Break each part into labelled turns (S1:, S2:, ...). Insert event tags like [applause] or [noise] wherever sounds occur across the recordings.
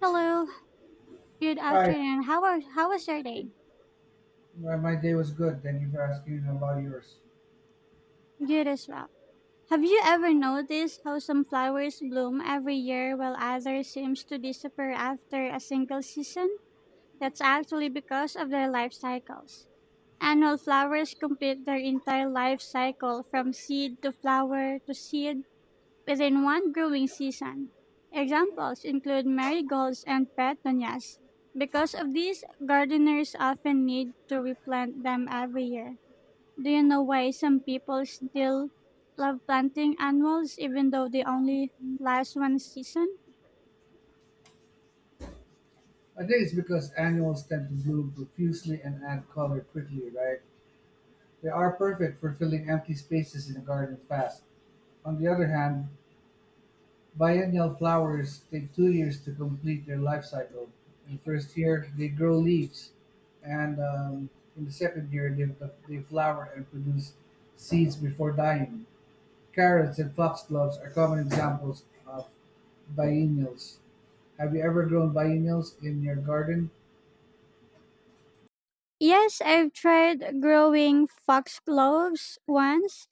S1: Hello, good
S2: Hi,
S1: afternoon. How are how was your day?
S2: my day was good. Thank you for asking about yours.
S1: Good as well. Have you ever noticed how some flowers bloom every year while others seems to disappear after a single season? That's actually because of their life cycles. Annual flowers complete their entire life cycle from seed to flower to seed within one growing season. Examples include marigolds and petunias. Because of this, gardeners often need to replant them every year. Do you know why some people still love planting annuals even though they only last one season?
S2: I think it's because annuals tend to bloom profusely and add color quickly, right? They are perfect for filling empty spaces in a garden fast. On the other hand, biennial flowers take 2 years to complete their life cycle. In the first year, they grow leaves, and in the second year, they flower and produce seeds before dying. Carrots and foxgloves are common examples of biennials. Have you ever grown biennials in your garden?
S1: Yes, I've tried growing foxgloves once.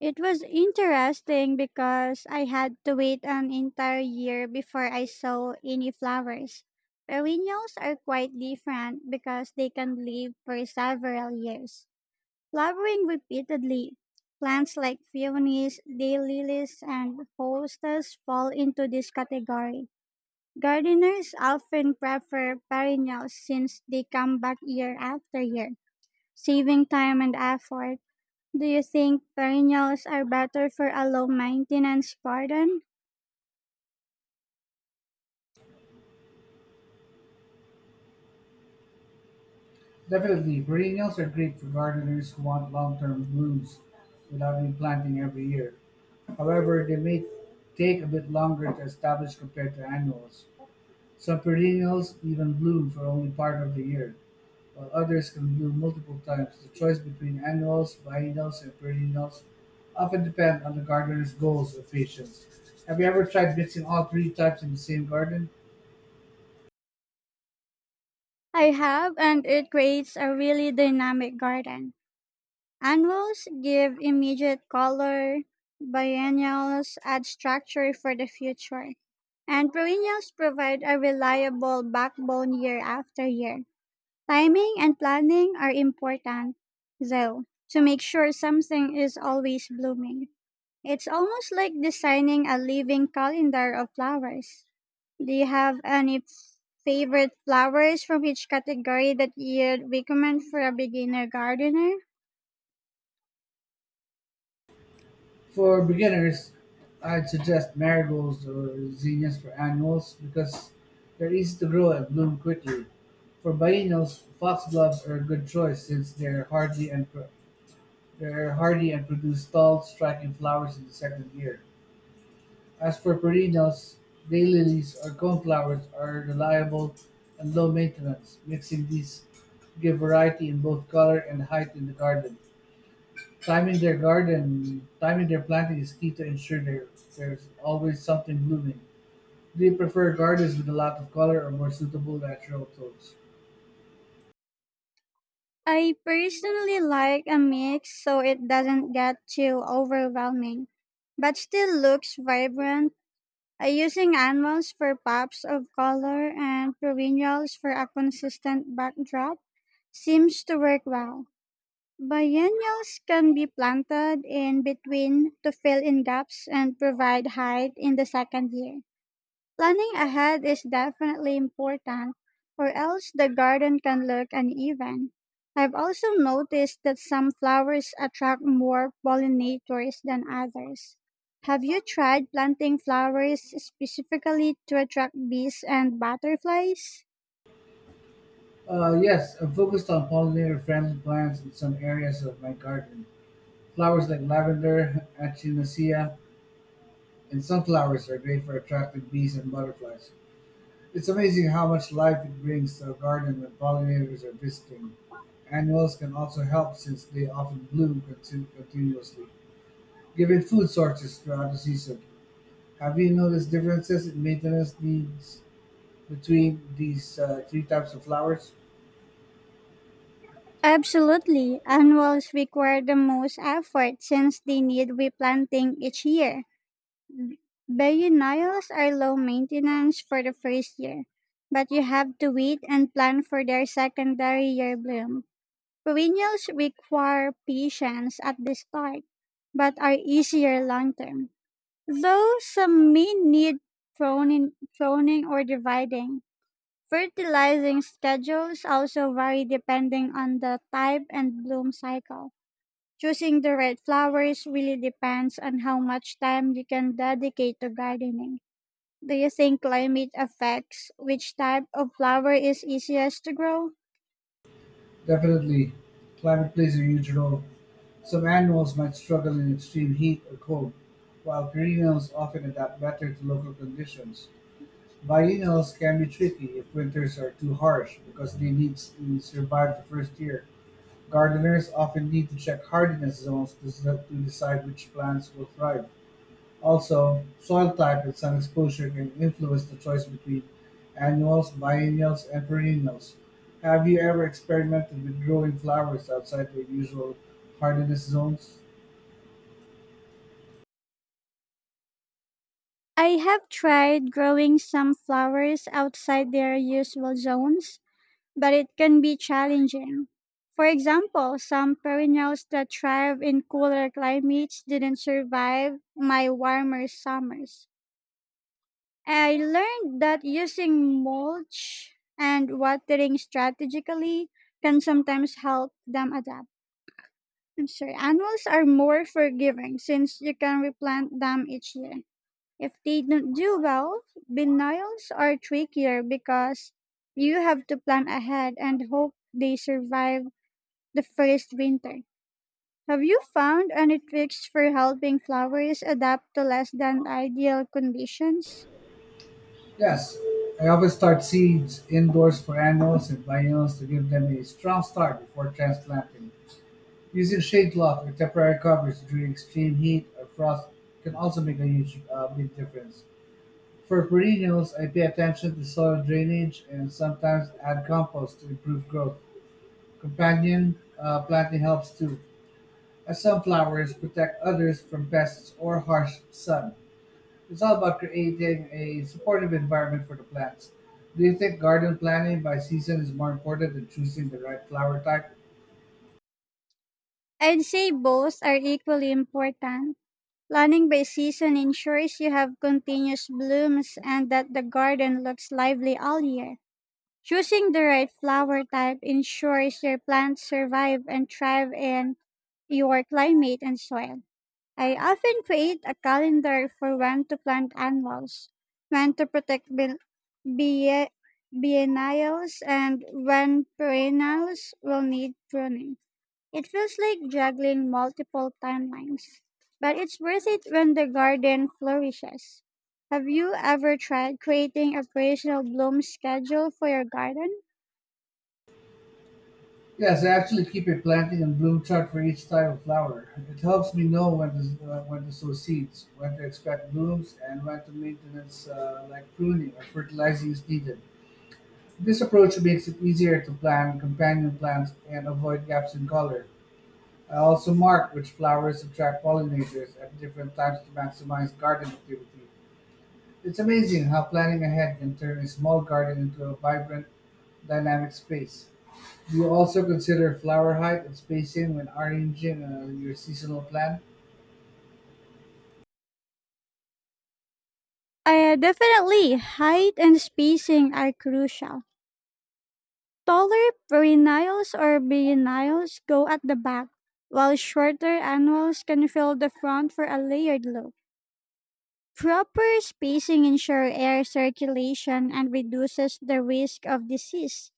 S1: It was interesting because I had to wait an entire year before I saw any flowers. Perennials are quite different because they can live for several years, flowering repeatedly. Plants like peonies, daylilies, and hostas fall into this category. Gardeners often prefer perennials since they come back year after year, saving time and effort. Do you think perennials are better for a low maintenance garden?
S2: Definitely. Perennials are great for gardeners who want long-term blooms without replanting every year. However, they may take a bit longer to establish compared to annuals. Some perennials even bloom for only part of the year, while others can bloom multiple times. The choice between annuals, biennials, and perennials often depend on the gardener's goals or patience. Have you ever tried mixing all three types in the same garden?
S1: I have, and it creates a really dynamic garden. Annuals give immediate color, biennials add structure for the future, and perennials provide a reliable backbone year after year. Timing and planning are important, though, to make sure something is always blooming. It's almost like designing a living calendar of flowers. Do you have any favorite flowers from each category that you'd recommend for a beginner gardener?
S2: For beginners, I'd suggest marigolds or zinnias for annuals because they're easy to grow and bloom quickly. For biennials, foxgloves are a good choice since they're hardy and produce tall, striking flowers in the second year. As for perennials, daylilies or coneflowers are reliable and low maintenance. Mixing these give variety in both color and height in the garden. Timing their planting is key to ensure there's always something blooming. Do you prefer gardens with a lot of color or more suitable natural tones?
S1: I personally like a mix so it doesn't get too overwhelming, but still looks vibrant. Using animals for pops of color and perennials for a consistent backdrop seems to work well. Biennials can be planted in between to fill in gaps and provide height in the second year. Planning ahead is definitely important, or else the garden can look uneven. I've also noticed that some flowers attract more pollinators than others. Have you tried planting flowers specifically to attract bees and butterflies?
S2: Yes, I'm focused on pollinator-friendly plants in some areas of my garden. Flowers like lavender, [laughs] echinacea, and sunflowers are great for attracting bees and butterflies. It's amazing how much life it brings to a garden when pollinators are visiting. Annuals can also help since they often bloom continuously. Given food sources throughout the season, have you noticed differences in maintenance needs between these three types of flowers?
S1: Absolutely. Annuals require the most effort since they need replanting each year. Biennials are low maintenance for the first year, but you have to wait and plan for their secondary year bloom. Perennials require patience at the start, but are easier long term. Though some may need pruning or dividing, fertilizing schedules also vary depending on the type and bloom cycle. Choosing the right flowers really depends on how much time you can dedicate to gardening. Do you think climate affects which type of flower is easiest to grow?
S2: Definitely, climate plays a huge role. Some annuals might struggle in extreme heat or cold, while perennials often adapt better to local conditions. Biennials can be tricky if winters are too harsh because they need to survive the first year. Gardeners often need to check hardiness zones to decide which plants will thrive. Also, soil type and sun exposure can influence the choice between annuals, biennials, and perennials. Have you ever experimented with growing flowers outside their usual hardiness zones?
S1: I have tried growing some flowers outside their usual zones, but it can be challenging. For example, some perennials that thrive in cooler climates didn't survive my warmer summers. I learned that using mulch and watering strategically can sometimes help them adapt. I'm sorry, annuals are more forgiving since you can replant them each year. If they don't do well, biennials are trickier because you have to plan ahead and hope they survive the first winter. Have you found any tricks for helping flowers adapt to less than ideal conditions?
S2: Yes, I often start seeds indoors for annuals and biennials to give them a strong start before transplanting. Using shade cloth or temporary covers during extreme heat or frost can also make a huge big difference. For perennials, I pay attention to soil drainage and sometimes add compost to improve growth. Companion planting helps too, as some flowers protect others from pests or harsh sun. It's all about creating a supportive environment for the plants. Do you think garden planning by season is more important than choosing the right flower type?
S1: I'd say both are equally important. Planning by season ensures you have continuous blooms and that the garden looks lively all year. Choosing the right flower type ensures your plants survive and thrive in your climate and soil. I often create a calendar for when to plant annuals, when to protect bie- biennials, and when perennials will need pruning. It feels like juggling multiple timelines, but it's worth it when the garden flourishes. Have you ever tried creating a personal bloom schedule for your garden?
S2: Yes, I actually keep a planting and bloom chart for each type of flower. It helps me know when to sow seeds, when to expect blooms, and when to maintenance like pruning or fertilizing is needed. This approach makes it easier to plan companion plants and avoid gaps in color. I also mark which flowers attract pollinators at different times to maximize garden activity. It's amazing how planning ahead can turn a small garden into a vibrant, dynamic space. You also consider flower height and spacing when arranging your seasonal plan.
S1: Definitely, height and spacing are crucial. Taller perennials or biennials go at the back, while shorter annuals can fill the front for a layered look. Proper spacing ensures air circulation and reduces the risk of disease.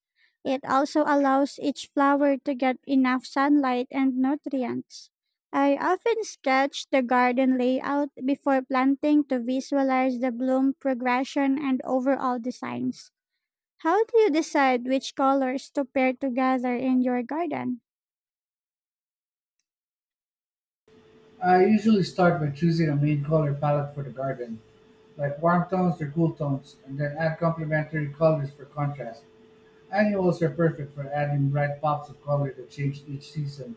S1: It also allows each flower to get enough sunlight and nutrients. I often sketch the garden layout before planting to visualize the bloom progression and overall designs. How do you decide which colors to pair together in your garden?
S2: I usually start by choosing a main color palette for the garden, like warm tones or cool tones, and then add complementary colors for contrast. Annuals are perfect for adding bright pops of color that change each season.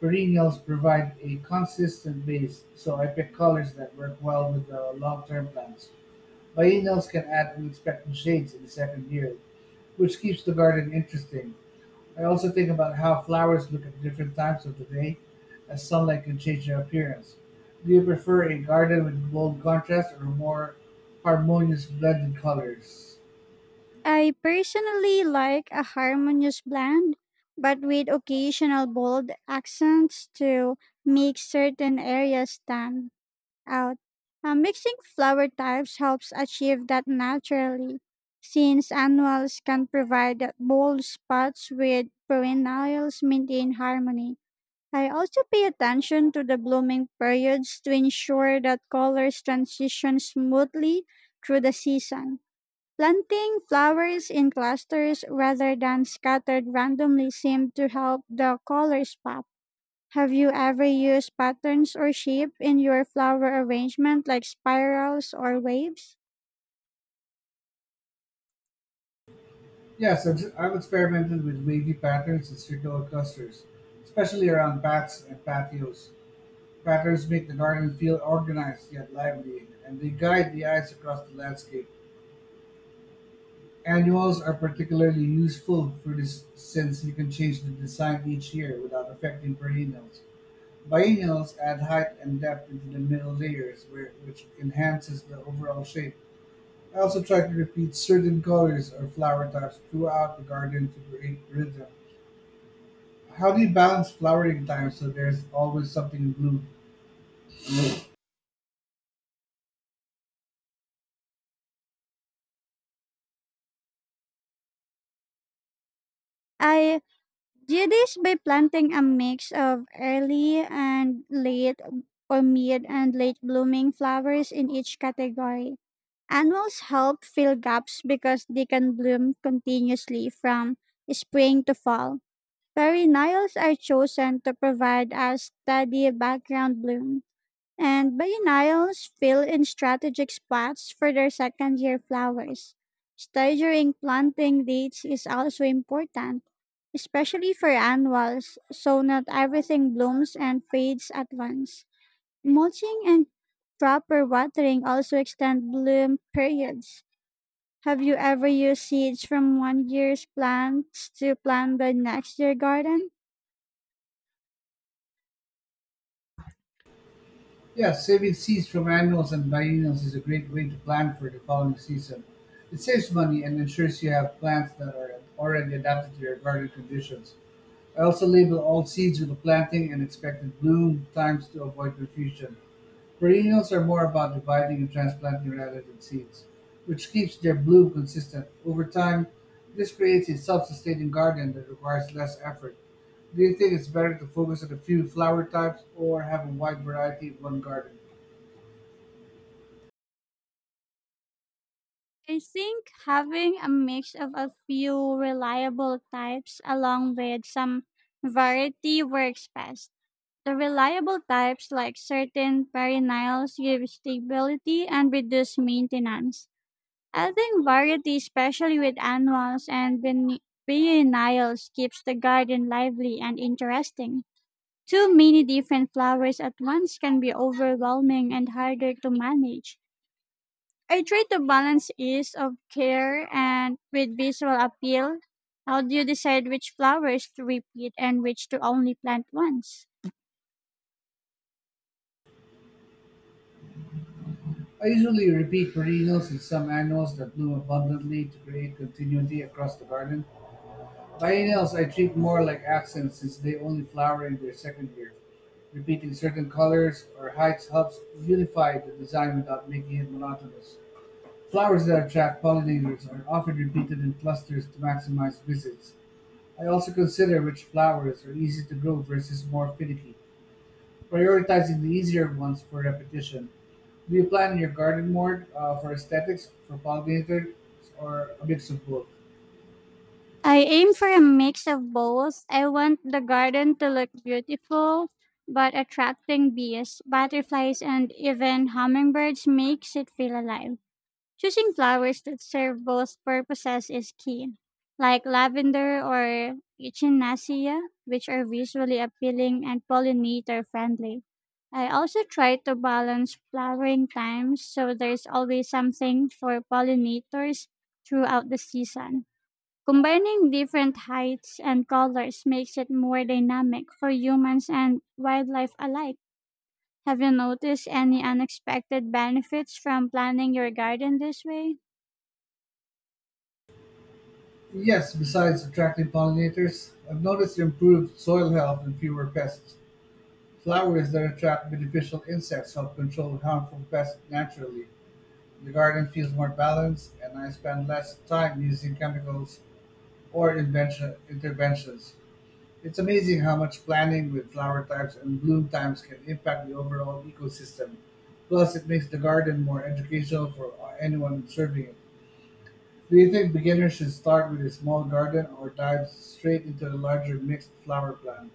S2: Perennials provide a consistent base, so I pick colors that work well with the long-term plans. Biennials can add unexpected shades in the second year, which keeps the garden interesting. I also think about how flowers look at different times of the day, as sunlight can change their appearance. Do you prefer a garden with bold contrast or more harmonious blended colors?
S1: I personally like a harmonious blend, but with occasional bold accents to make certain areas stand out. Mixing flower types helps achieve that naturally, since annuals can provide bold spots with perennials maintain harmony. I also pay attention to the blooming periods to ensure that colors transition smoothly through the season. Planting flowers in clusters rather than scattered randomly seem to help the colors pop. Have you ever used patterns or shape in your flower arrangement like spirals or waves?
S2: Yes, I've experimented with wavy patterns and circular clusters, especially around paths and patios. Patterns make the garden feel organized yet lively, and they guide the eyes across the landscape. Annuals are particularly useful for this since you can change the design each year without affecting perennials. Biennials add height and depth into the middle layers, which enhances the overall shape. I also try to repeat certain colors or flower types throughout the garden to create rhythm. How do you balance flowering times so there's always something in bloom?
S1: I do this by planting a mix of early and late or mid and late blooming flowers in each category. Annuals help fill gaps because they can bloom continuously from spring to fall. Perennials are chosen to provide a steady background bloom, and biennials fill in strategic spots for their second year flowers. Staggering planting dates is also important, especially for annuals, so not everything blooms and fades at once. Mulching and proper watering also extend bloom periods. Have you ever used seeds from one year's plants to plant the next year garden?
S2: Yeah, saving seeds from annuals and biennials is a great way to plan for the following season. It saves money and ensures you have plants that are already adapted to your garden conditions. I also label all seeds with the planting and expected bloom times to avoid confusion. Perennials are more about dividing and transplanting rather than seeds, which keeps their bloom consistent. Over time, this creates a self-sustaining garden that requires less effort. Do you think it's better to focus on a few flower types or have a wide variety in one garden?
S1: I think having a mix of a few reliable types along with some variety works best. The reliable types like certain perennials give stability and reduce maintenance. I think variety, especially with annuals and perennials, keeps the garden lively and interesting. Too many different flowers at once can be overwhelming and harder to manage. I try to balance ease of care and with visual appeal. How do you decide which flowers to repeat and which to only plant once?
S2: I usually repeat perennials and some annuals that bloom abundantly to create continuity across the garden. Biennials I treat more like accents since they only flower in their second year. Repeating certain colors or heights helps unify the design without making it monotonous. Flowers that attract pollinators are often repeated in clusters to maximize visits. I also consider which flowers are easy to grow versus more finicky, prioritizing the easier ones for repetition. Do you plan your garden more for aesthetics, for pollinators, or a mix of both?
S1: I aim for a mix of both. I want the garden to look beautiful, but attracting bees, butterflies, and even hummingbirds makes it feel alive. Choosing flowers that serve both purposes is key, like lavender or echinacea, which are visually appealing and pollinator friendly. I also try to balance flowering times so there's always something for pollinators throughout the season. Combining different heights and colors makes it more dynamic for humans and wildlife alike. Have you noticed any unexpected benefits from planning your garden this way?
S2: Yes, besides attracting pollinators, I've noticed improved soil health and fewer pests. Flowers that attract beneficial insects help control harmful pests naturally. The garden feels more balanced, and I spend less time using chemicals or interventions. It's amazing how much planning with flower types and bloom times can impact the overall ecosystem. Plus, it makes the garden more educational for anyone observing it. Do you think beginners should start with a small garden or dive straight into a larger mixed flower plan?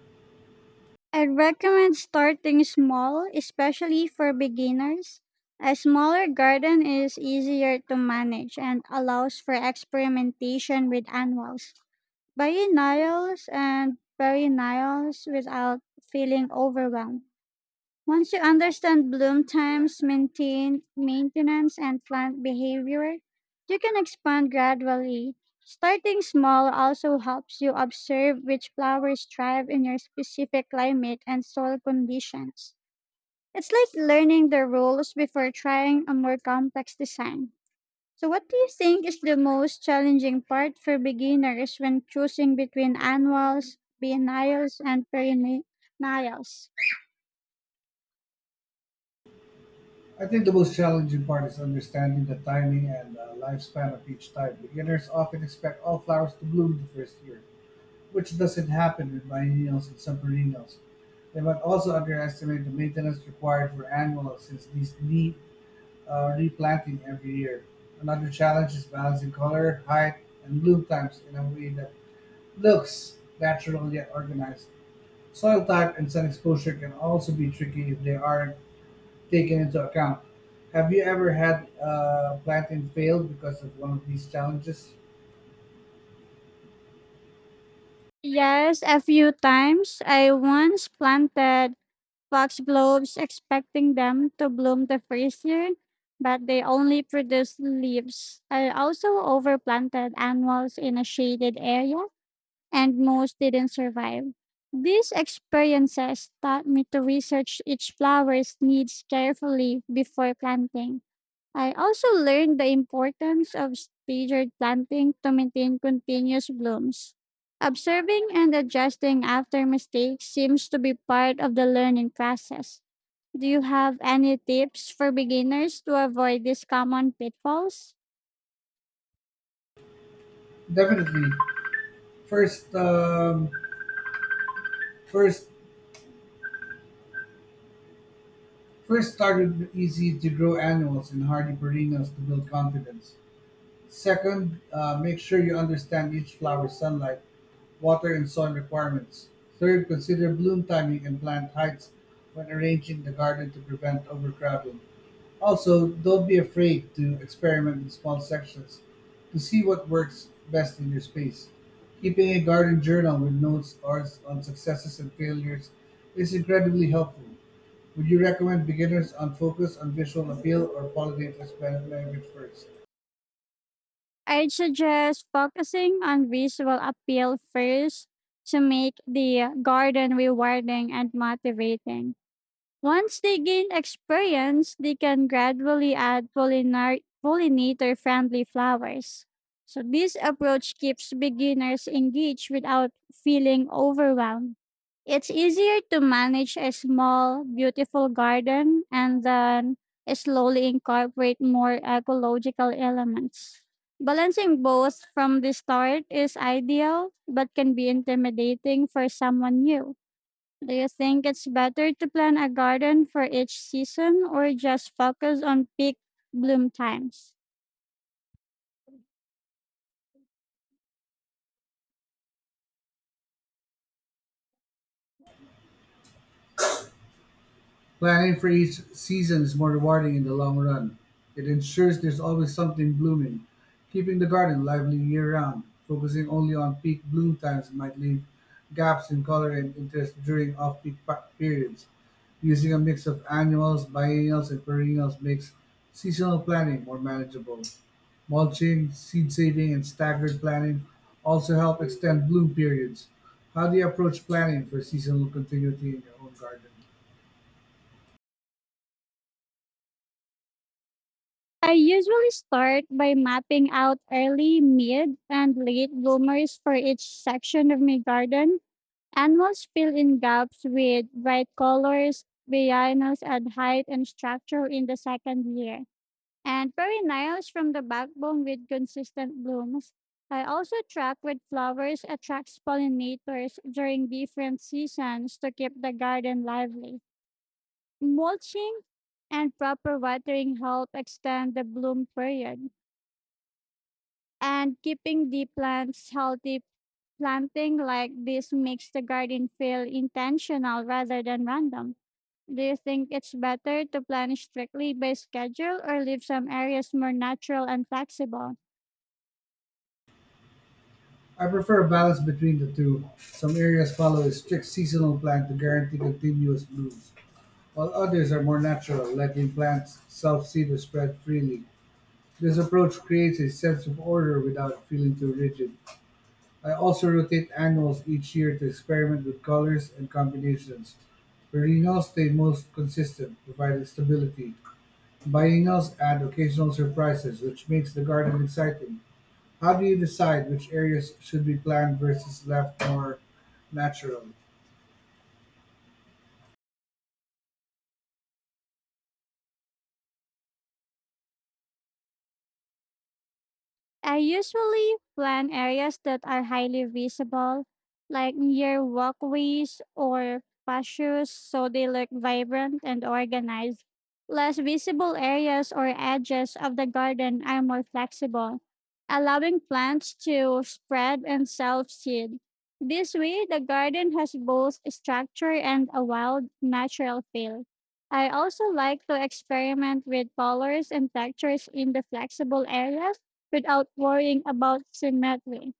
S1: I would recommend starting small, especially for beginners. A smaller garden is easier to manage and allows for experimentation with annuals, biennials, and perennials without feeling overwhelmed. Once you understand bloom times, maintain maintenance, and plant behavior, you can expand gradually. Starting small also helps you observe which flowers thrive in your specific climate and soil conditions. It's like learning the rules before trying a more complex design. So, what do you think is the most challenging part for beginners when choosing between annuals, biennials, and perennials?
S2: I think the most challenging part is understanding the timing and lifespan of each type. Beginners often expect all flowers to bloom the first year, which doesn't happen with biennials and subperennials. They might also underestimate the maintenance required for annuals since these need replanting every year. Another challenge is balancing color, height, and bloom times in a way that looks natural yet organized. Soil type and sun exposure can also be tricky if they aren't taken into account. Have you ever had a planting fail because of one of these challenges?
S1: Yes, a few times. I once planted foxgloves expecting them to bloom the first year, but they only produced leaves. I also overplanted annuals in a shaded area, and most didn't survive. These experiences taught me to research each flower's needs carefully before planting. I also learned the importance of staggered planting to maintain continuous blooms. Observing and adjusting after mistakes seems to be part of the learning process. Do you have any tips for beginners to avoid these common pitfalls?
S2: Definitely. First, um, first, first start with easy to grow annuals and hardy perennials to build confidence. Second, make sure you understand each flower's sunlight water and soil requirements. Third, consider bloom timing and plant heights when arranging the garden to prevent overcrowding. Also, don't be afraid to experiment in small sections to see what works best in your space. Keeping a garden journal with notes or on successes and failures is incredibly helpful. Would you recommend beginners on focus on visual appeal or qualitative aspect measures first?
S1: I'd suggest focusing on visual appeal first to make the garden rewarding and motivating. Once they gain experience, they can gradually add pollinator friendly flowers. So, this approach keeps beginners engaged without feeling overwhelmed. It's easier to manage a small, beautiful garden and then slowly incorporate more ecological elements. Balancing both from the start is ideal, but can be intimidating for someone new. Do you think it's better to plan a garden for each season or just focus on peak bloom times?
S2: Planning for each season is more rewarding in the long run. It ensures there's always something blooming, keeping the garden lively year round. Focusing only on peak bloom times might leave gaps in color and interest during off peak periods. Using a mix of annuals, biennials, and perennials makes seasonal planning more manageable. Mulching, seed saving, and staggered planning also help extend bloom periods. How do you approach planning for seasonal continuity in your own garden?
S1: I usually start by mapping out early, mid, and late bloomers for each section of my garden. Annuals fill in gaps with bright colors, biennials add height and structure in the second year, and perennials from the backbone with consistent blooms. I also track with flowers attracts pollinators during different seasons to keep the garden lively. Mulching and proper watering help extend the bloom period and keeping the plants healthy. Planting like this makes the garden feel intentional rather than random. Do you think it's better to plan strictly by schedule or leave some areas more natural and flexible?
S2: I prefer a balance between the two. Some areas follow a strict seasonal plan to guarantee continuous blooms, while others are more natural, letting plants self-seed or spread freely. This approach creates a sense of order without feeling too rigid. I also rotate annuals each year to experiment with colors and combinations. Perennials stay most consistent, providing stability. Biennials add occasional surprises, which makes the garden exciting. How do you decide which areas should be planned versus left more natural?
S1: I usually plan areas that are highly visible, like near walkways or patios, so they look vibrant and organized. Less visible areas or edges of the garden are more flexible, allowing plants to spread and self seed. This way, the garden has both structure and a wild, natural feel. I also like to experiment with colors and textures in the flexible areas without worrying about symmetry.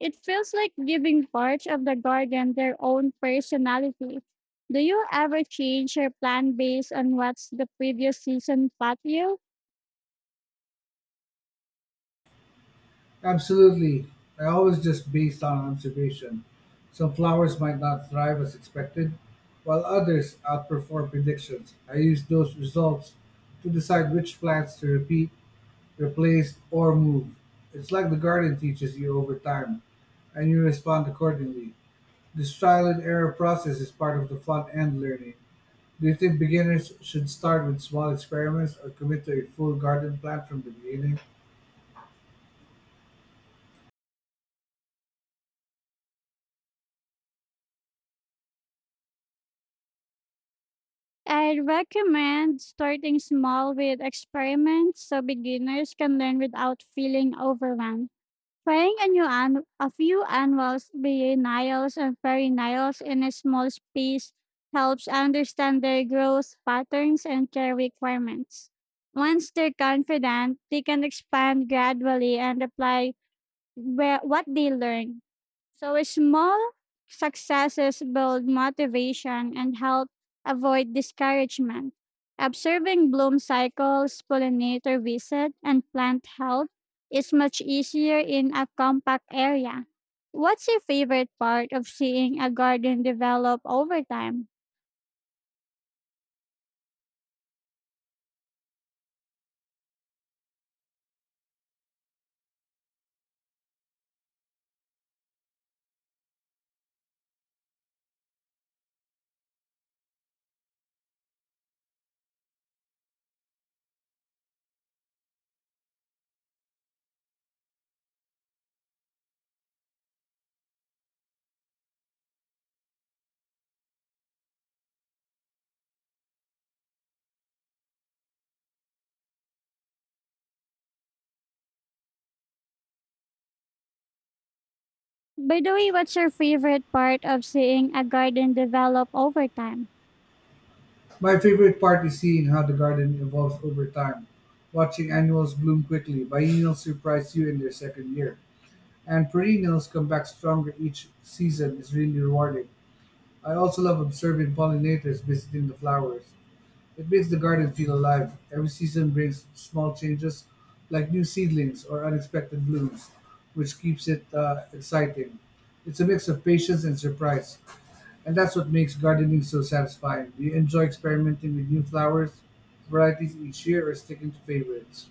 S1: It feels like giving parts of the garden their own personality. Do you ever change your plan based on what's the previous season taught you?
S2: Absolutely. I always just based on observation. Some flowers might not thrive as expected, while others outperform predictions. I use those results to decide which plants to repeat, replace, or move. It's like the garden teaches you over time, and you respond accordingly. This trial and error process is part of the fun and learning. Do you think beginners should start with small experiments or commit to a full garden plan from the beginning?
S1: I recommend starting small with experiments so beginners can learn without feeling overwhelmed. Frying a new an- A few annuals, biennials, and perennials in a small space helps understand their growth patterns and care requirements. Once they're confident, they can expand gradually and apply where what they learn. So small successes build motivation and help avoid discouragement. Observing bloom cycles, pollinator visit, and plant health is much easier in a compact area. What's your favorite part of seeing a garden develop over time? By the way, what's your favorite part of seeing a garden develop over time?
S2: My favorite part is seeing how the garden evolves over time, watching annuals bloom quickly, biennials surprise you in their second year, and perennials come back stronger each season is really rewarding. I also love observing pollinators visiting the flowers. It makes the garden feel alive. Every season brings small changes, like new seedlings or unexpected blooms, which keeps it exciting. It's a mix of patience and surprise, and that's what makes gardening so satisfying. Do you enjoy experimenting with new flowers varieties each year or sticking to favorites?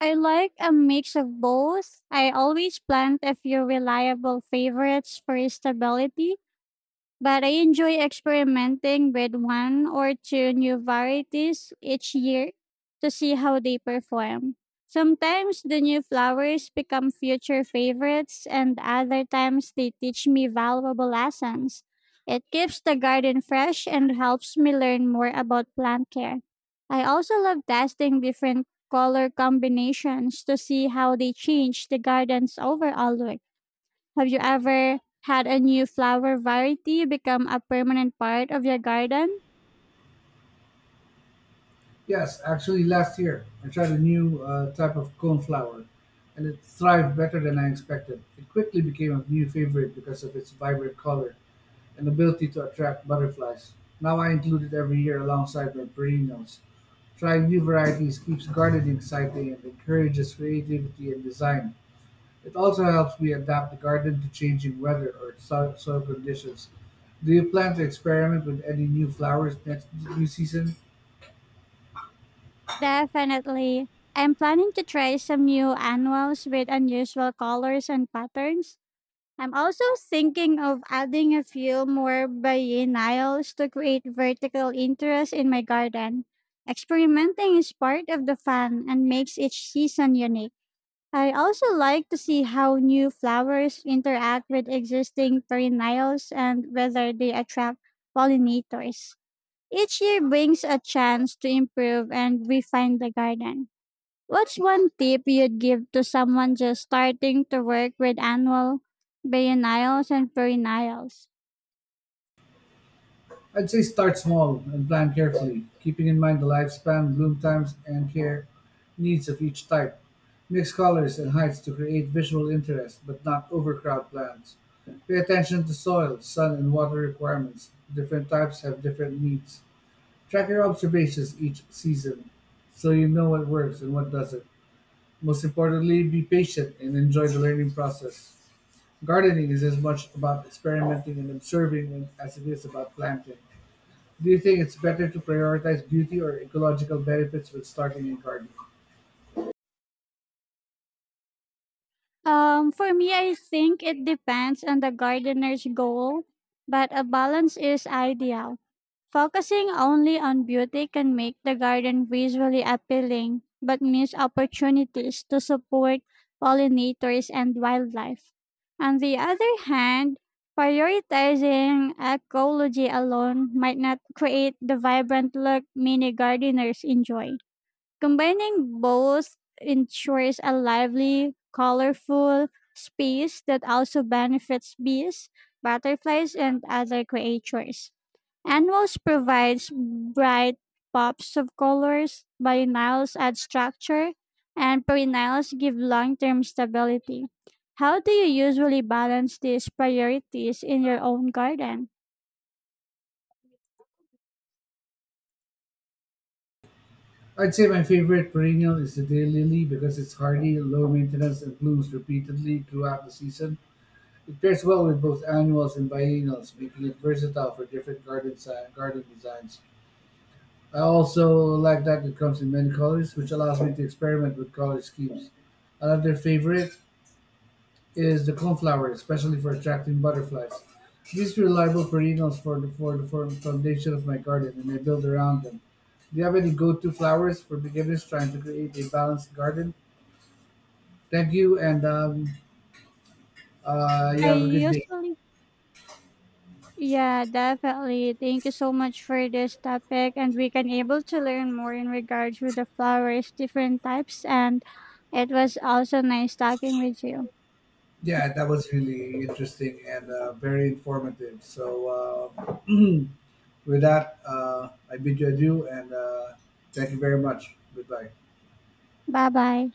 S1: I like a mix of both. I always plant a few reliable favorites for stability, but I enjoy experimenting with one or two new varieties each year to see how they perform. Sometimes the new flowers become future favorites, and other times they teach me valuable lessons. It keeps the garden fresh and helps me learn more about plant care. I also love testing different color combinations to see how they change the garden's overall look. Have you ever had a new flower variety become a permanent part of your garden?
S2: Yes, actually, last year I tried a new type of coneflower, and it thrived better than I expected. It quickly became a new favorite because of its vibrant color and ability to attract butterflies. Now I include it every year alongside my perennials. Trying new varieties keeps gardening exciting and encourages creativity and design. It also helps me adapt the garden to changing weather or soil conditions. Do you plan to experiment with any new flowers next new season?
S1: Definitely. I'm planning to try some new annuals with unusual colors and patterns. I'm also thinking of adding a few more biennials to create vertical interest in my garden. Experimenting is part of the fun and makes each season unique. I also like to see how new flowers interact with existing perennials and whether they attract pollinators. Each year brings a chance to improve and refine the garden. What's one tip you'd give to someone just starting to work with annual biennials and perennials?
S2: I'd say start small and plan carefully, keeping in mind the lifespan, bloom times, and care needs of each type. Mix colors and heights to create visual interest, but not overcrowd plants. Pay attention to soil, sun, and water requirements. Different types have different needs. Track your observations each season so you know what works and what doesn't. Most importantly, be patient and enjoy the learning process. Gardening is as much about experimenting and observing as it is about planting. Do you think it's better to prioritize beauty or ecological benefits when starting a garden?
S1: For me, I think it depends on the gardener's goal, but a balance is ideal. Focusing only on beauty can make the garden visually appealing, but miss opportunities to support pollinators and wildlife. On the other hand, prioritizing ecology alone might not create the vibrant look many gardeners enjoy. Combining both ensures a lively, colorful space that also benefits bees, butterflies, and other creatures. Annuals provides bright pops of colors, biennials add structure, and perennials give long-term stability. How do you usually balance these priorities in your own garden?
S2: I'd say my favorite perennial is the daylily because it's hardy, low maintenance, and blooms repeatedly throughout the season. It pairs well with both annuals and biennials, making it versatile for different garden designs. I also like that it comes in many colors, which allows me to experiment with color schemes. Another favorite is the coneflower, especially for attracting butterflies. These reliable perennials for the foundation of my garden, and I build around them. Do you have any go-to flowers for beginners trying to create a balanced garden? Thank you, and you
S1: I
S2: have a good day.
S1: usually Yeah, definitely. Thank you so much for this topic and we can able to learn more in regards with the flowers, different types, and it was also nice talking with you.
S2: Yeah, that was really interesting and very informative. So, [clears throat] with that, I bid you adieu, and thank you very much. Goodbye.
S1: Bye bye.